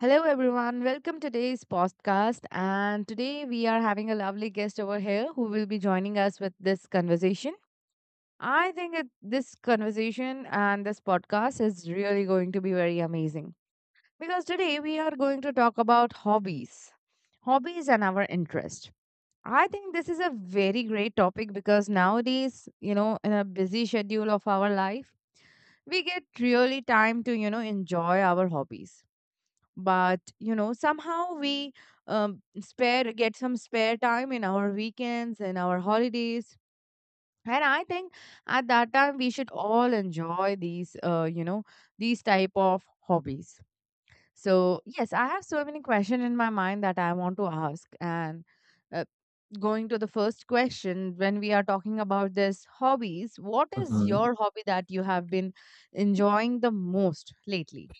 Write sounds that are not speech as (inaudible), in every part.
Hello, everyone. Welcome to today's podcast. And today we are having a lovely guest over here who will be joining us with this conversation. I think this conversation and this podcast is really going to be very amazing because today we are going to talk about hobbies, hobbies and our interest. I think this is a very great topic because nowadays, you know, in a busy schedule of our life, we get really time to, you know, enjoy our hobbies but you know somehow we spare get some spare time in our weekends and our holidays, and I think at that time we should all enjoy these these type of hobbies. So yes, I have so many questions in my mind that I want to ask, and uh, going to the first question, when we are talking about this hobbies, what is Mhm. your hobby that you have been enjoying the most lately?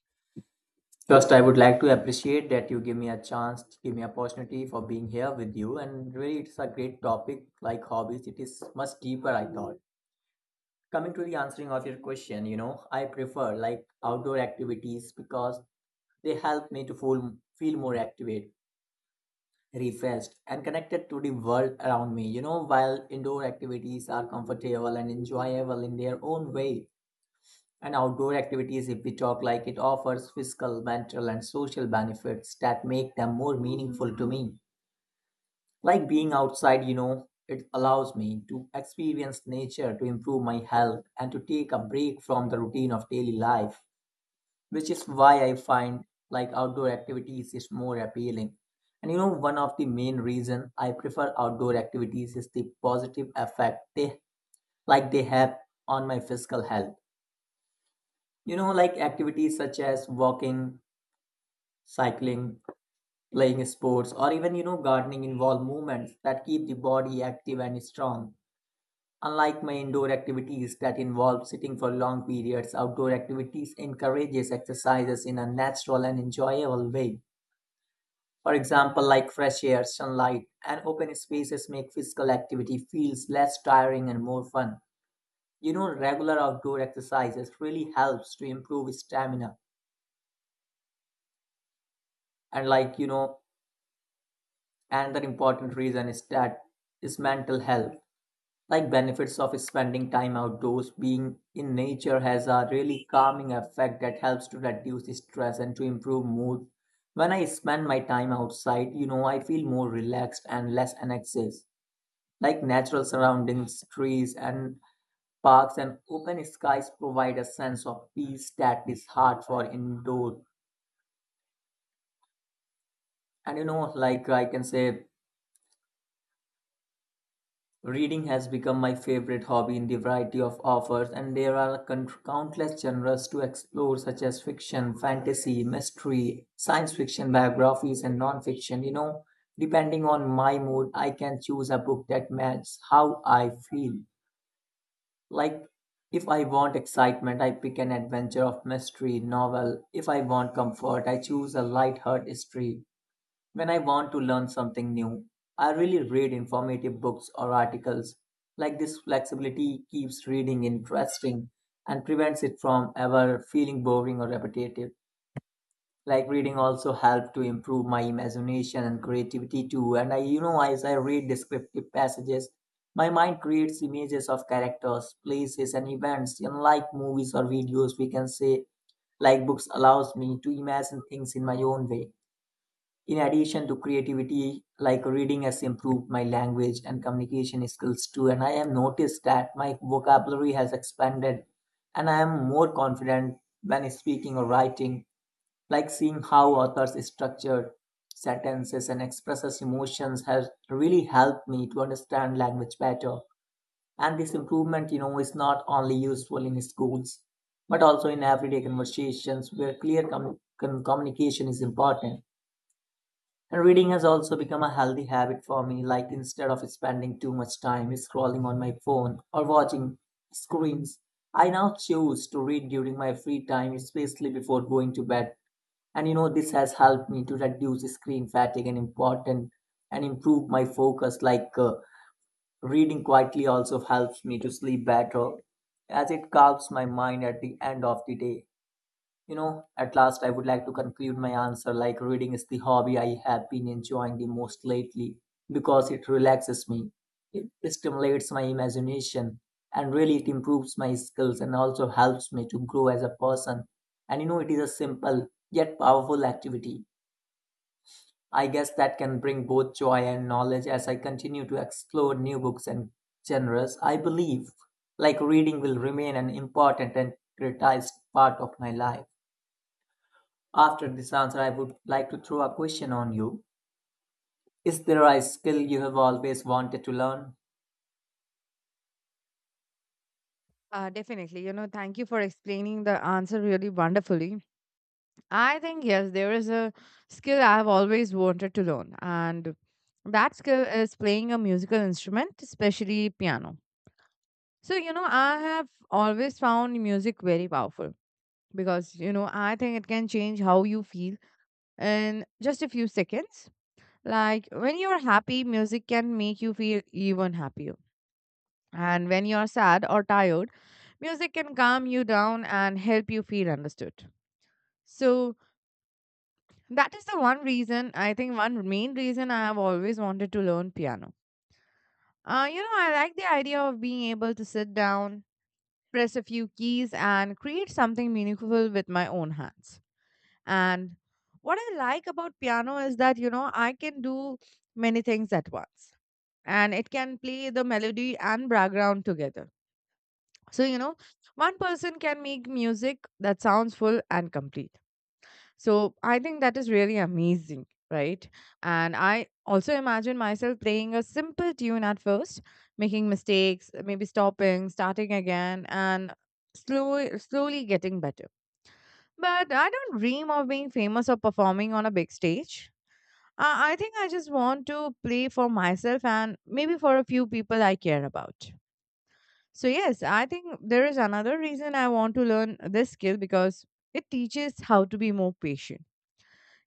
First, I would like to appreciate that you give me a chance, give me opportunity for being here with you. And really, it's a great topic like hobbies. It is much deeper, I thought. Coming to the answering of your question, you know, I prefer like outdoor activities because they help me to feel more activate, refreshed, and connected to the world around me. You know, while indoor activities are comfortable and enjoyable in their own way, and outdoor activities, if we talk like it, offers physical, mental, and social benefits that make them more meaningful to me. Like being outside, you know, it allows me to experience nature, to improve my health, and to take a break from the routine of daily life, which is why I find like outdoor activities is more appealing. And you know, one of the main reason I prefer outdoor activities is the positive effect they have on my physical health. You know, like activities such as walking, cycling, playing sports, or even you know gardening involve movements that keep the body active and strong. Unlike my indoor activities that involve sitting for long periods, outdoor activities encourages exercises in a natural and enjoyable way. For example, like fresh air, sunlight, and open spaces make physical activity feels less tiring and more fun. You know, regular outdoor exercises really helps to improve stamina. And like, you know, another important reason is that is mental health. Like benefits of spending time outdoors, being in nature has a really calming effect that helps to reduce stress and to improve mood. When I spend my time outside, you know, I feel more relaxed and less anxious. Like natural surroundings, trees and parks and open skies, provide a sense of peace that is hard for indoor. And you know, like I can say reading has become my favorite hobby in the variety of offers, and there are countless genres to explore, such as fiction, fantasy, mystery, science fiction, biographies, and non fiction. You know, depending on my mood, I can choose a book that matches how I feel. Like, if I want excitement, I pick an adventure of mystery novel. If I want comfort, I choose a light-hearted history. When I want to learn something new, I really read informative books or articles. Like this flexibility keeps reading interesting and prevents it from ever feeling boring or repetitive. Like reading also helped to improve my imagination and creativity too. And I, you know, as I read descriptive passages, my mind creates images of characters, places, and events. Unlike movies or videos, we can say like books allows me to imagine things in my own way. In addition to creativity, like reading has improved my language and communication skills too, and I have noticed that my vocabulary has expanded and I am more confident when speaking or writing. Like seeing how authors structure sentences and expresses emotions has really helped me to understand language better. And this improvement, you know, is not only useful in schools, but also in everyday conversations where clear communication is important. And reading has also become a healthy habit for me, like instead of spending too much time scrolling on my phone or watching screens, I now choose to read during my free time, especially before going to bed. And you know, this has helped me to reduce screen fatigue and important and improve my focus. Like reading quietly also helps me to sleep better as it calms my mind at the end of the day. You know, at last I would like to conclude my answer like reading is the hobby I have been enjoying the most lately because it relaxes me, it stimulates my imagination, and really it improves my skills and also helps me to grow as a person. And you know, it is a simple yet powerful activity. I guess that can bring both joy and knowledge as I continue to explore new books and genres. I believe like reading will remain an important and prioritized part of my life. After this answer, I would like to throw a question on you. Is there a skill you have always wanted to learn? Definitely. You know, thank you for explaining the answer really wonderfully. I think, yes, there is a skill I've always wanted to learn, and that skill is playing a musical instrument, especially piano. So, you know, I have always found music very powerful because, you know, I think it can change how you feel in just a few seconds. Like when you're happy, music can make you feel even happier. And when you're sad or tired, music can calm you down and help you feel understood. So, that is the one reason, I think, one main reason I have always wanted to learn piano. You know, I like the idea of being able to sit down, press a few keys, and create something meaningful with my own hands. And what I like about piano is that, you know, I can do many things at once, and it can play the melody and background together. So, you know, one person can make music that sounds full and complete. So I think that is really amazing, right? And I also imagine myself playing a simple tune at first, making mistakes, maybe stopping, starting again, and slowly, slowly getting better. But I don't dream of being famous or performing on a big stage. I think I just want to play for myself and maybe for a few people I care about. So, yes, I think there is another reason I want to learn this skill because it teaches how to be more patient.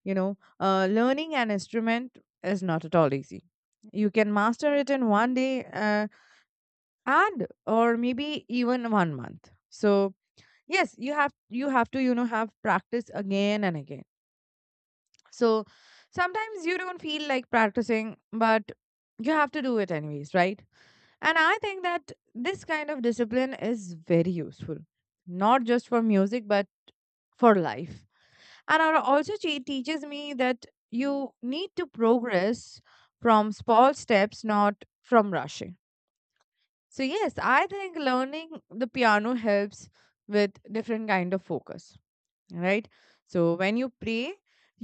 You know, learning an instrument is not at all easy. You can master it in one day, and or maybe even one month. So yes, you have to, you know, have practice again and again. So sometimes you don't feel like practicing, but you have to do it anyways, right? And I think that this kind of discipline is very useful, not just for music, but for life, and teaches me that you need to progress from small steps, not from rushing. So yes, I think learning the piano helps with different kind of focus, right? So when you pray,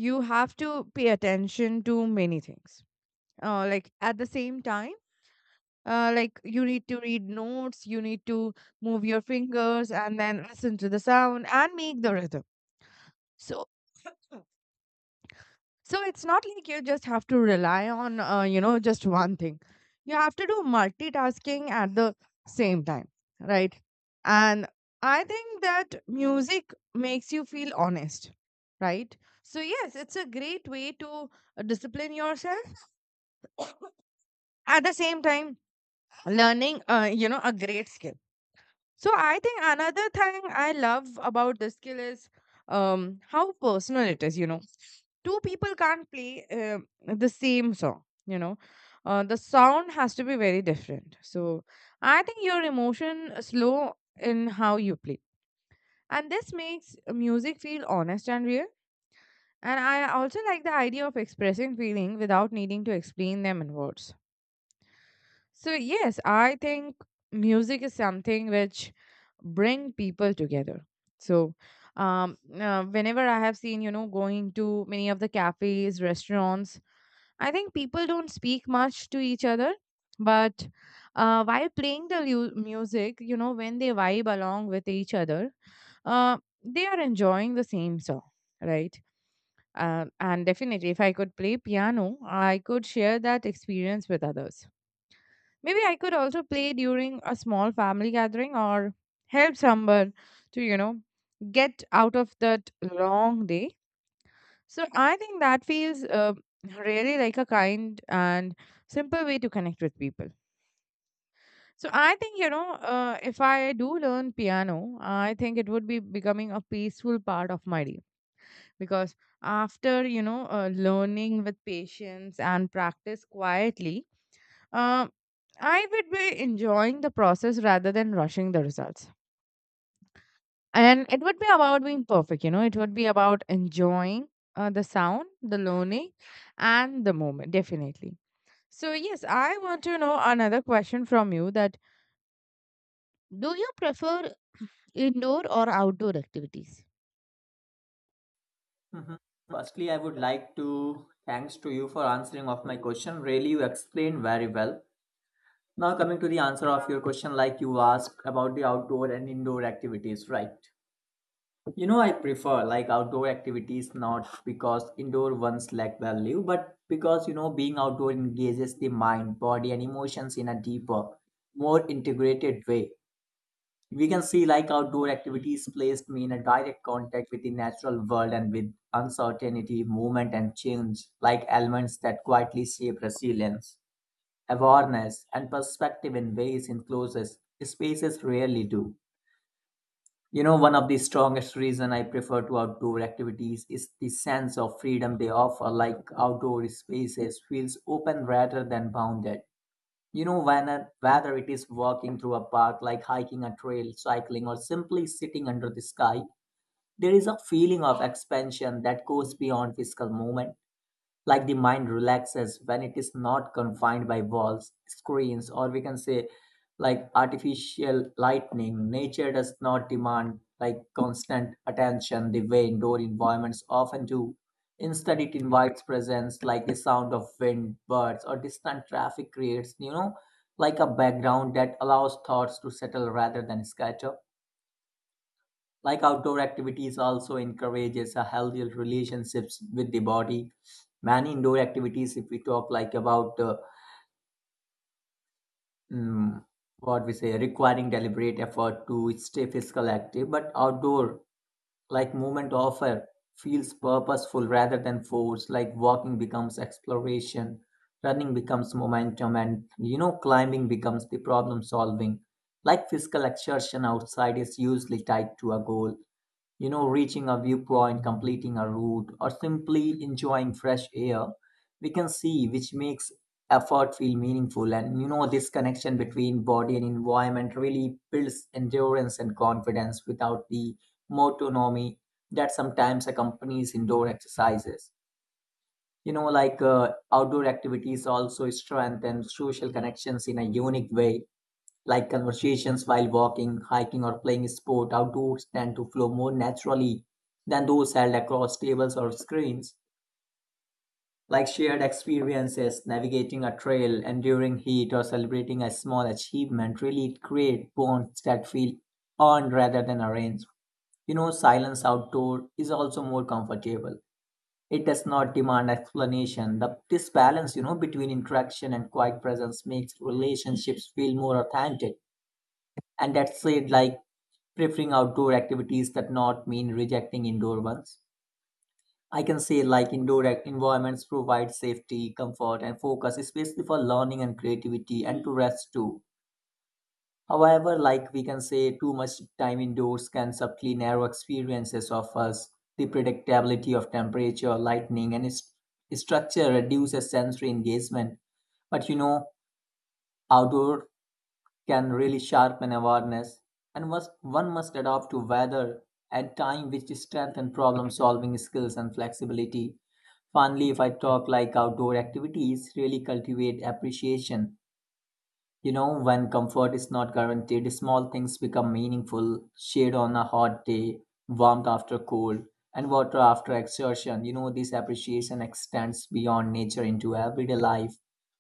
you have to pay attention to many things, like at the same time. Like, you need to read notes, you need to move your fingers and then listen to the sound and make the rhythm. So So it's not like you just have to rely on, just one thing. You have to do multitasking at the same time, right? And I think that music makes you feel honest, right? So, yes, it's a great way to discipline yourself, at the same time learning, a great skill. So, I think another thing I love about this skill is how personal it is. You know, two people can't play the same song, you know. Uh, the sound has to be very different, so I think your emotion slow in how you play, and this makes music feel honest and real. And I also like the idea of expressing feeling without needing to explain them in words. So yes, I think music is something which bring people together. So whenever I have seen, you know, going to many of the cafes, restaurants, I think people don't speak much to each other, but while playing the music, you know, when they vibe along with each other, uh, they are enjoying the same song, right? And definitely, if I could play piano, I could share that experience with others. Maybe I could also play during a small family gathering or help someone to, you know, get out of that long day. So I think that feels really like a kind and simple way to connect with people. So I think, you know, if I do learn piano, I think it would be becoming a peaceful part of my day because after, you know, learning with patience and practice quietly, Um, I would be enjoying the process rather than rushing the results. And it would be about being perfect, you know, it would be about enjoying the sound, the learning, and the moment, definitely. So, yes, I want to know another question from you that: do you prefer indoor or outdoor activities? Mhm. Firstly, I would like to thanks to you for answering of my question. Really, you explained very well. Now coming to the answer of your question, like you asked about the outdoor and indoor activities, right? You know, I prefer like outdoor activities not because indoor ones lack value, but because you know being outdoor engages the mind, body, and emotions in a deeper, more integrated way. We can see like outdoor activities placed me in a direct contact with the natural world and with uncertainty, movement, and change, like elements that quietly shape resilience, awareness, and perspective in ways enclosures spaces rarely do. You know, one of the strongest reasons I prefer to outdoor activities is the sense of freedom they offer, like outdoor spaces feels open rather than bounded. You know, whether it is walking through a park, like hiking a trail, cycling, or simply sitting under the sky, there is a feeling of expansion that goes beyond physical movement. Like the mind relaxes when it is not confined by walls, screens, or we can say like artificial lightning. Nature does not demand like constant attention the way indoor environments often do. Instead it invites presence. Like the sound of wind, birds, or distant traffic creates, you know, like a background that allows thoughts to settle rather than scatter. Like outdoor activities also encourages a healthier relationships with the body. Many indoor activities, if we talk like about mm, what we say, requiring deliberate effort to stay physical active, but outdoor like movement offer feels purposeful rather than force. Like walking becomes exploration, running becomes momentum, and you know, climbing becomes the problem solving. Like physical exertion outside is usually tied to a goal, you know, reaching a viewpoint, completing a route, or simply enjoying fresh air, we can see, which makes effort feel meaningful. And you know, this connection between body and environment really builds endurance and confidence without the autonomy that sometimes accompanies indoor exercises. You know, like outdoor activities also strengthen social connections in a unique way. Like conversations while walking, hiking, or playing sport outdoors tend to flow more naturally than those held across tables or screens. Like shared experiences, navigating a trail, enduring heat, or celebrating a small achievement really create bonds that feel earned rather than arranged. You know, silence outdoor is also more comfortable. It does not demand explanation. This balance, you know, between interaction and quiet presence makes relationships feel more authentic. And that's it, like preferring outdoor activities that not mean rejecting indoor ones. I can say like indoor environments provide safety, comfort, and focus, especially for learning and creativity, and to rest too. However, like we can say, too much time indoors can subtly narrow experiences of us. The predictability of temperature, lightning, and its structure reduces sensory engagement. But you know, outdoor can really sharpen awareness, and must, one must adapt to weather and time, which strengthen problem solving skills and flexibility. Finally, if I talk like outdoor activities, really cultivate appreciation, you know, when comfort is not guaranteed, small things become meaningful. Shade on a hot day, warmth after cold, and water after exertion. You know, this appreciation extends beyond nature into everyday life,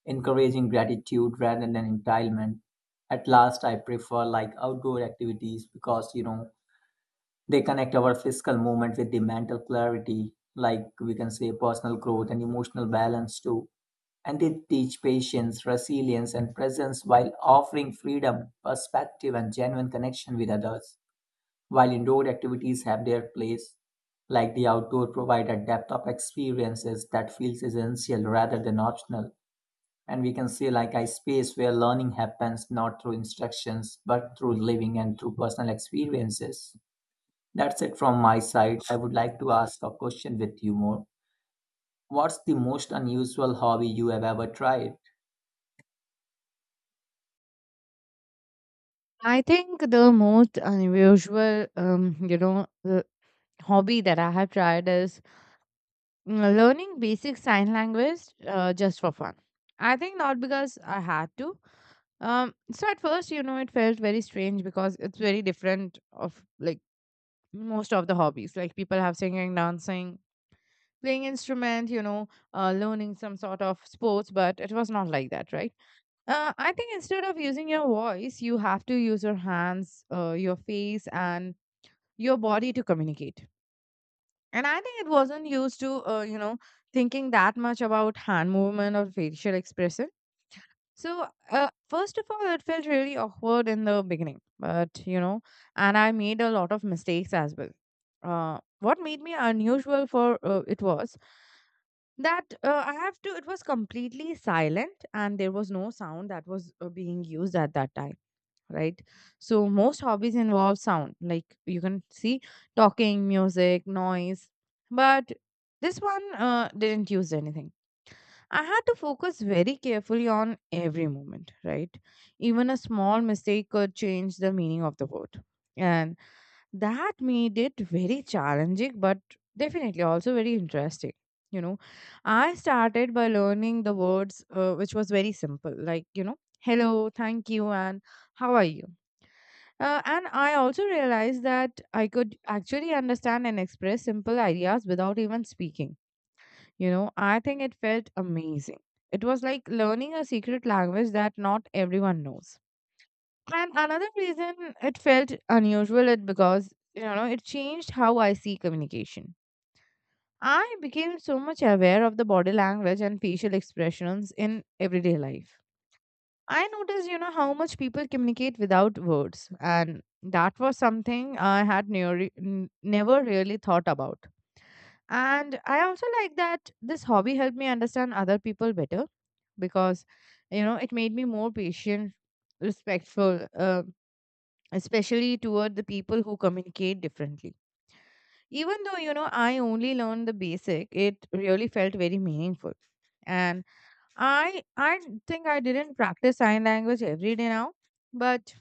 encouraging gratitude rather than entitlement. At last, I prefer like outdoor activities because, you know, they connect our physical movement with the mental clarity, like we can say personal growth and emotional balance too, and they teach patience, resilience, and presence while offering freedom, perspective, and genuine connection with others. While indoor activities have their place, like the outdoor provide a depth of experiences that feels essential rather than optional. And we can see like a space where learning happens not through instructions but through living and through personal experiences. That's it from my side. I would like to ask a question with you more. What's the most unusual hobby you have ever tried? I think the most unusual, the hobby that I have tried is learning basic sign language, just for fun. I think not because I had to. So at first, you know, it felt very strange because it's very different of like most of the hobbies. Like people have singing, dancing, playing instrument, you know, learning some sort of sports, but it was not like that, right? I think instead of using your voice, you have to use your hands, your face, and your body to communicate. And I think it wasn't used to, thinking that much about hand movement or facial expression. So, first of all, it felt really awkward in the beginning, but you know, and I made a lot of mistakes as well. What made me unusual for it was that I have to, it was completely silent and there was no sound that was being used at that time, right? So most hobbies involve sound, like you can see, talking, music, noise, but this one didn't use anything. I had to focus very carefully on every moment, right? Even a small mistake could change the meaning of the word, and that made it very challenging, but definitely also very interesting. You know, I started by learning the words, which was very simple, like, you know, hello, thank you, and how are you. And I also realized that I could actually understand and express simple ideas without even speaking. You know, I think it felt amazing. It was like learning a secret language that not everyone knows. And another reason it felt unusual it because you know it changed how I see communication. I became so much aware of the body language and facial expressions in everyday life. I noticed, you know, how much people communicate without words. And that was something I had never really thought about. And I also like that this hobby helped me understand other people better because, you know, it made me more patient, respectful, especially toward the people who communicate differently. Even though, you know, I only learned the basic, it really felt very meaningful. And I think I didn't practice sign language every day now, but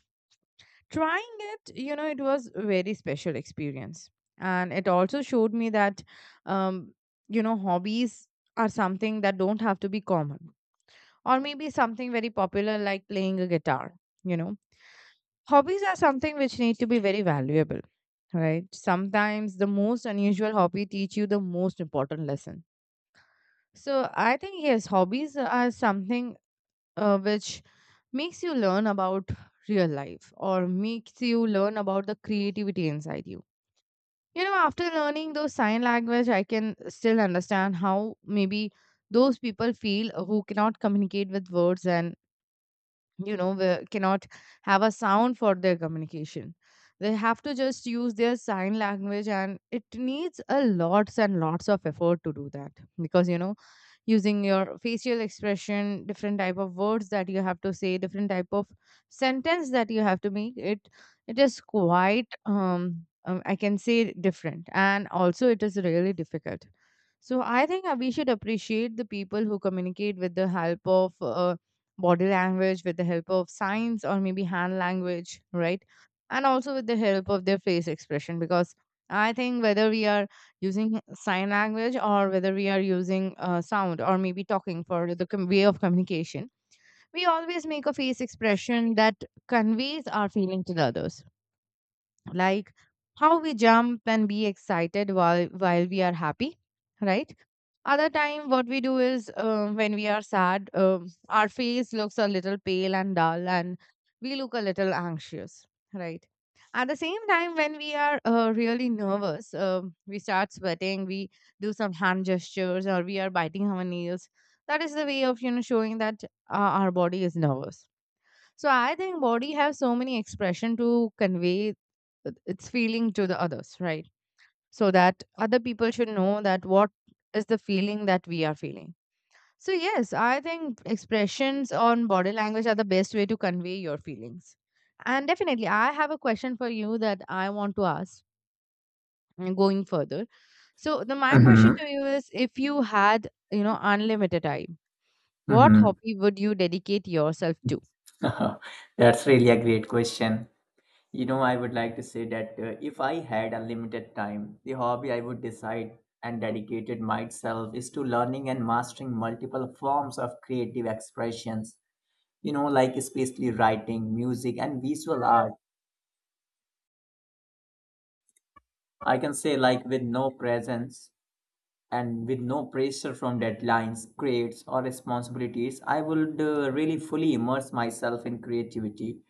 trying it, you know, it was a very special experience, and it also showed me that, um, you know, hobbies are something that don't have to be common, or maybe something very popular like playing a guitar. You know, hobbies are something which need to be very valuable, right? Sometimes the most unusual hobby teach you the most important lesson. So I think yes, hobbies are something which makes you learn about real life or makes you learn about the creativity inside you. You know, after learning those sign language, I can still understand how maybe those people feel who cannot communicate with words, and you know we cannot have a sound for their communication. They have to just use their sign language, and it needs a lots and lots of effort to do that because you know using your facial expression, different type of words that you have to say, different type of sentence that you have to make it, it is quite I can say different and also it is really difficult. So I think we should appreciate the people who communicate with the help of body language, with the help of signs, or maybe hand language, right? And also with the help of their face expression, because I think whether we are using sign language or whether we are using sound or maybe talking for the way of communication, we always make a face expression that conveys our feeling to the others, like how we jump and be excited while we are happy, right? Other time, what we do is when we are sad, our face looks a little pale and dull, and we look a little anxious, right? At the same time, when we are really nervous, we start sweating, we do some hand gestures, or we are biting our nails. That is the way of showing that our body is nervous. So I think body have so many expression to convey its feeling to the others, right? So that other people should know that what is the feeling that we are feeling. So, yes, I think expressions on body language are the best way to convey your feelings. And definitely, I have a question for you that I want to ask going further. So, the my question to Mm-hmm. you is if you had, you know, unlimited time, what Mm-hmm. hobby would you dedicate yourself to? (laughs) That's really a great question. You know, I would like to say that if I had unlimited time, the hobby I would decide and dedicated myself is to learning and mastering multiple forms of creative expressions. You know, like especially writing, music, and visual art. I can say like with no presence, and with no pressure from deadlines, grades, or responsibilities, I would really fully immerse myself in creativity,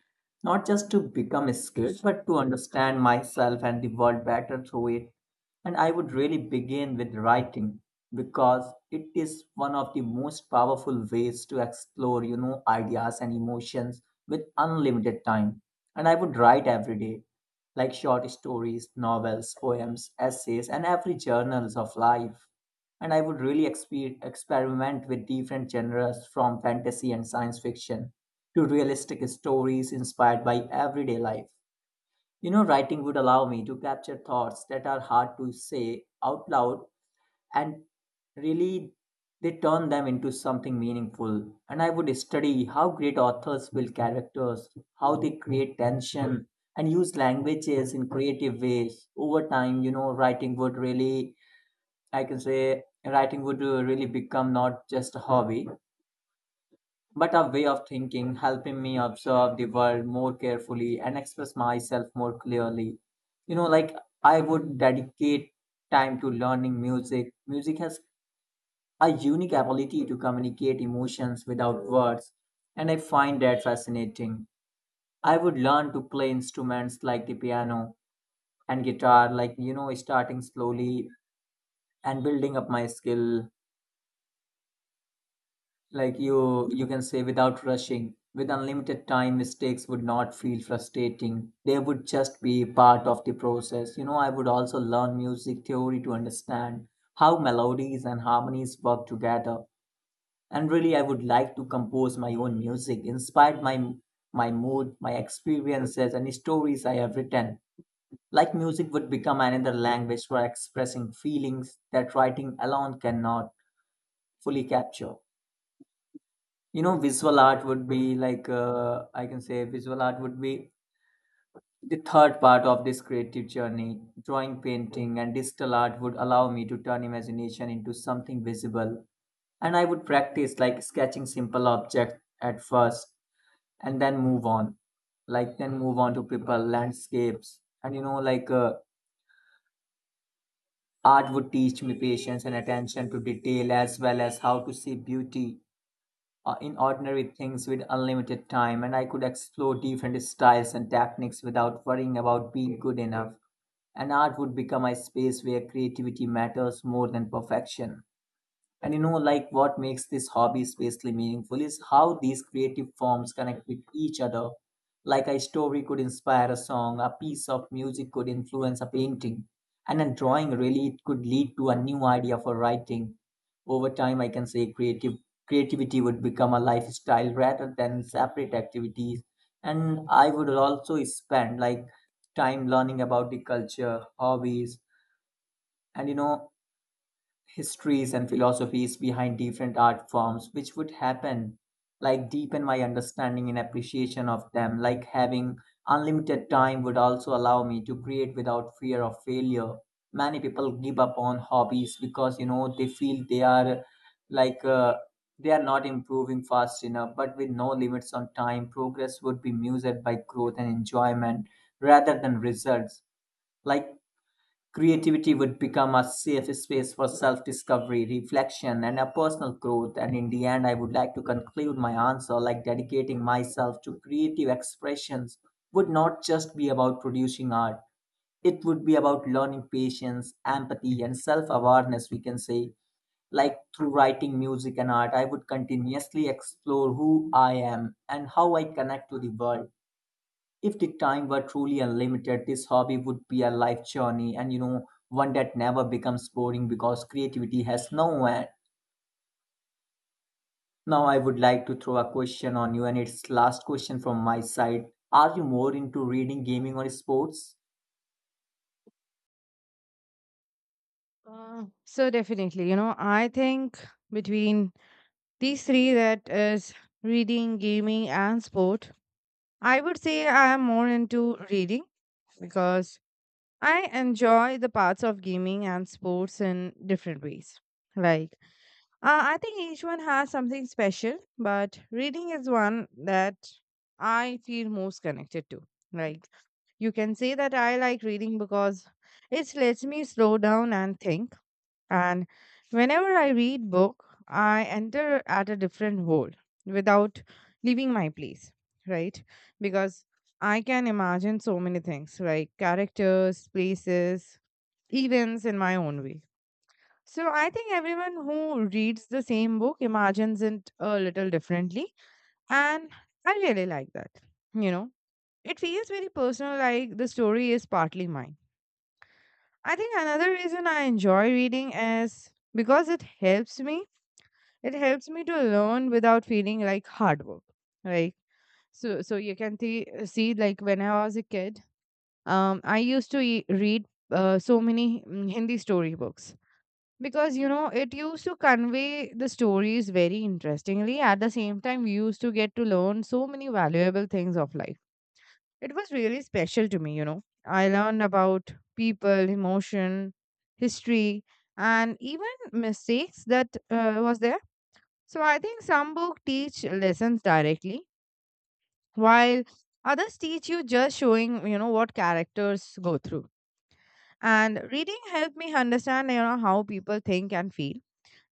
not just to become skilled, but to understand myself and the world better through it. And I would really begin with writing because it is one of the most powerful ways to explore, you know, ideas and emotions with unlimited time. And I would write every day, like short stories, novels, poems, essays, and every journals of life. And I would really experiment with different genres, from fantasy and science fiction to realistic stories inspired by everyday life. You know, writing would allow me to capture thoughts that are hard to say out loud and really, they turn them into something meaningful. And I would study how great authors build characters, how they create tension, and use languages in creative ways. Over time, you know, writing would really, I can say, writing would really become not just a hobby, but a way of thinking, helping me observe the world more carefully and express myself more clearly. You know, like, I would dedicate time to learning music. Music has a unique ability to communicate emotions without words, and I find that fascinating. I would learn to play instruments like the piano and guitar, like, you know, starting slowly and building up my skill, like you can say, without rushing. With unlimited time, mistakes would not feel frustrating. They would just be part of the process. You know, I would also learn music theory to understand how melodies and harmonies work together, and really, I would like to compose my own music inspired by my mood, my experiences, and stories I have written. Like, music would become another language for expressing feelings that writing alone cannot fully capture. You know, visual art would be like, I can say visual art would be the third part of this creative journey. Drawing, painting, and digital art would allow me to turn imagination into something visible, and I would practice like sketching simple objects at first, and then move on, to people, landscapes, and you know, like, art would teach me patience and attention to detail, as well as how to see beauty in ordinary things. With unlimited time, and I could explore different styles and techniques without worrying about being good enough, and art would become a space where creativity matters more than perfection. And you know, like, what makes this hobby especially meaningful is how these creative forms connect with each other. Like, a story could inspire a song, a piece of music could influence a painting, and a drawing, really, it could lead to a new idea for writing. Over time, I can say creative creativity would become a lifestyle rather than separate activities. And I would also spend like time learning about the culture, hobbies, and you know, histories and philosophies behind different art forms, which would, happen like, deepen my understanding and appreciation of them. Like, having unlimited time would also allow me to create without fear of failure. Many people give up on hobbies because, you know, they feel they are like, they are not improving fast enough, but with no limits on time, progress would be measured by growth and enjoyment rather than results. Like, creativity would become a safe space for self discovery, reflection, and a personal growth. And in the end, I would like to conclude my answer, like, dedicating myself to creative expressions would not just be about producing art, it would be about learning patience, empathy, and self awareness, we can say. Like, through writing, music, and art, I would continuously explore who I am and how I connect to the world. If the time were truly unlimited, this hobby would be a life journey, and you know, one that never becomes boring because creativity has no end. Now, I would like to throw a question on you, and it's last question from my side. Are you more into reading, gaming, or sports? So definitely, you know, I think between these three, that is reading, gaming, and sport, I would say I am more into reading because I enjoy the parts of gaming and sports in different ways. Like, I think each one has something special, but reading is one that I feel most connected to. Like, you can say that I like reading because it lets me slow down and think, and whenever I read book, I enter at a different world without leaving my place, right? Because I can imagine so many things, like characters, places, events in my own way. So I think everyone who reads the same book imagines it a little differently. And I really like that. You know, it feels very personal, like the story is partly mine. I think another reason I enjoy reading is because it helps me to learn without feeling like hard work, like so you can see like when I was a kid, I used to read so many Hindi storybooks because, you know, it used to convey the stories very interestingly. At the same time, we used to get to learn so many valuable things of life. It was really special to me. You know, I learned about people emotion, history, and even mistakes that was there. So I think some books teach lessons directly, while others teach you just showing, you know, what characters go through. And reading helped me understand, you know, how people think and feel.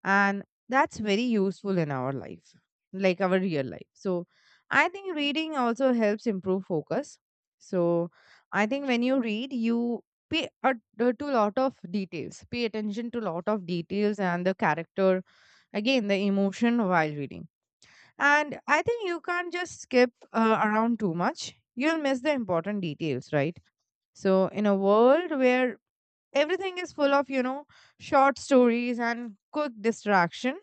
And that's very useful in our life, like our real life. So I think reading also helps improve focus. So I think when you read, you pay a, to a lot of details, pay attention to a lot of details and the character, again, the emotion while reading. And I think you can't just skip around too much. You'll miss the important details, right? So, in a world where everything is full of, you know, short stories and quick distraction,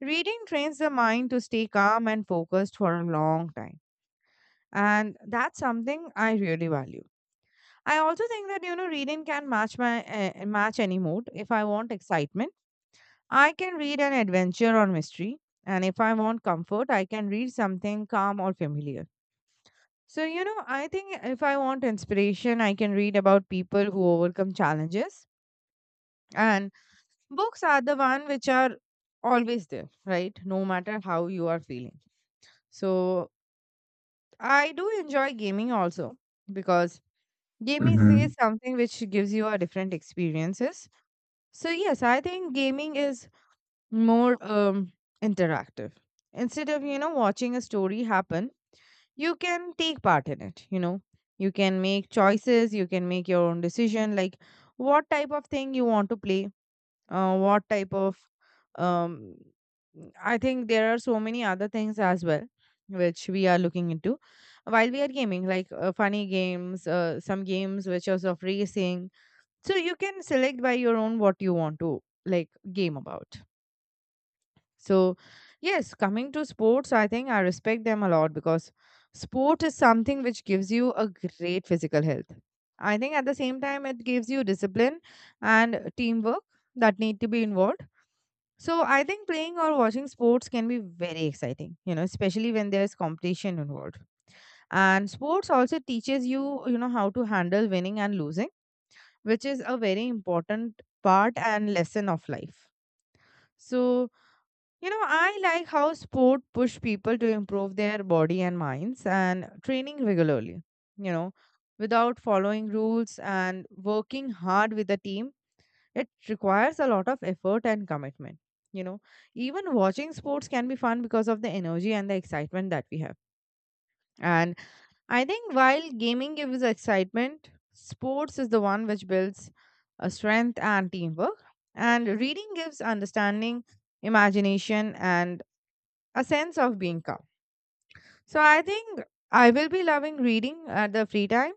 reading trains the mind to stay calm and focused for a long time. And that's something I really value. I also think that, you know, reading can match my match any mood. If I want excitement, I can read an adventure or mystery. And if I want comfort, I can read something calm or familiar. So, you know, I think if I want inspiration, I can read about people who overcome challenges. And books are the one which are always there, right? No matter how you are feeling. So, I do enjoy gaming also because gaming is Hmm. something which gives you a different experiences. So, yes, I think gaming is more interactive. Instead of, you know, watching a story happen, you can take part in it. You know, you can make choices, you can make your own decision, like what type of thing you want to play, what type of um I think there are so many other things as well which we are looking into while we are gaming, like funny games, some games which are of racing. So you can select by your own what you want to like game about. So, yes, coming to sports, I think I respect them a lot because sport is something which gives you a great physical health. I think at the same time, it gives you discipline and teamwork that need to be involved. So, I think playing or watching sports can be very exciting, you know, especially when there's competition involved. And sports also teaches you, you know, how to handle winning and losing, which is a very important part and lesson of life. So, you know, I like how sport push people to improve their body and minds and training regularly, you know, without following rules and working hard with a team. It requires a lot of effort and commitment. You know, even watching sports can be fun because of the energy and the excitement that we have. And I think while gaming gives excitement, sports is the one which builds a strength and teamwork. And reading gives understanding, imagination, and a sense of being calm. So I think I will be loving reading at the free time,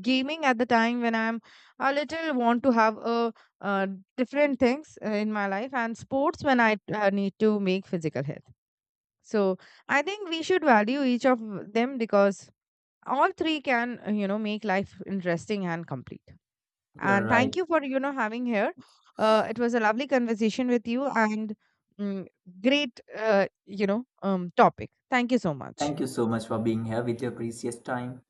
gaming at the time when I'm a little want to have a uh, different things in my life, and sports when I need to make physical health. So I think we should value each of them because all three can you know make life interesting and complete. You're And right. thank you for, you know, having here. It was a lovely conversation with you and mm, great you know topic. Thank you so much. Thank you so much for being here with your precious time.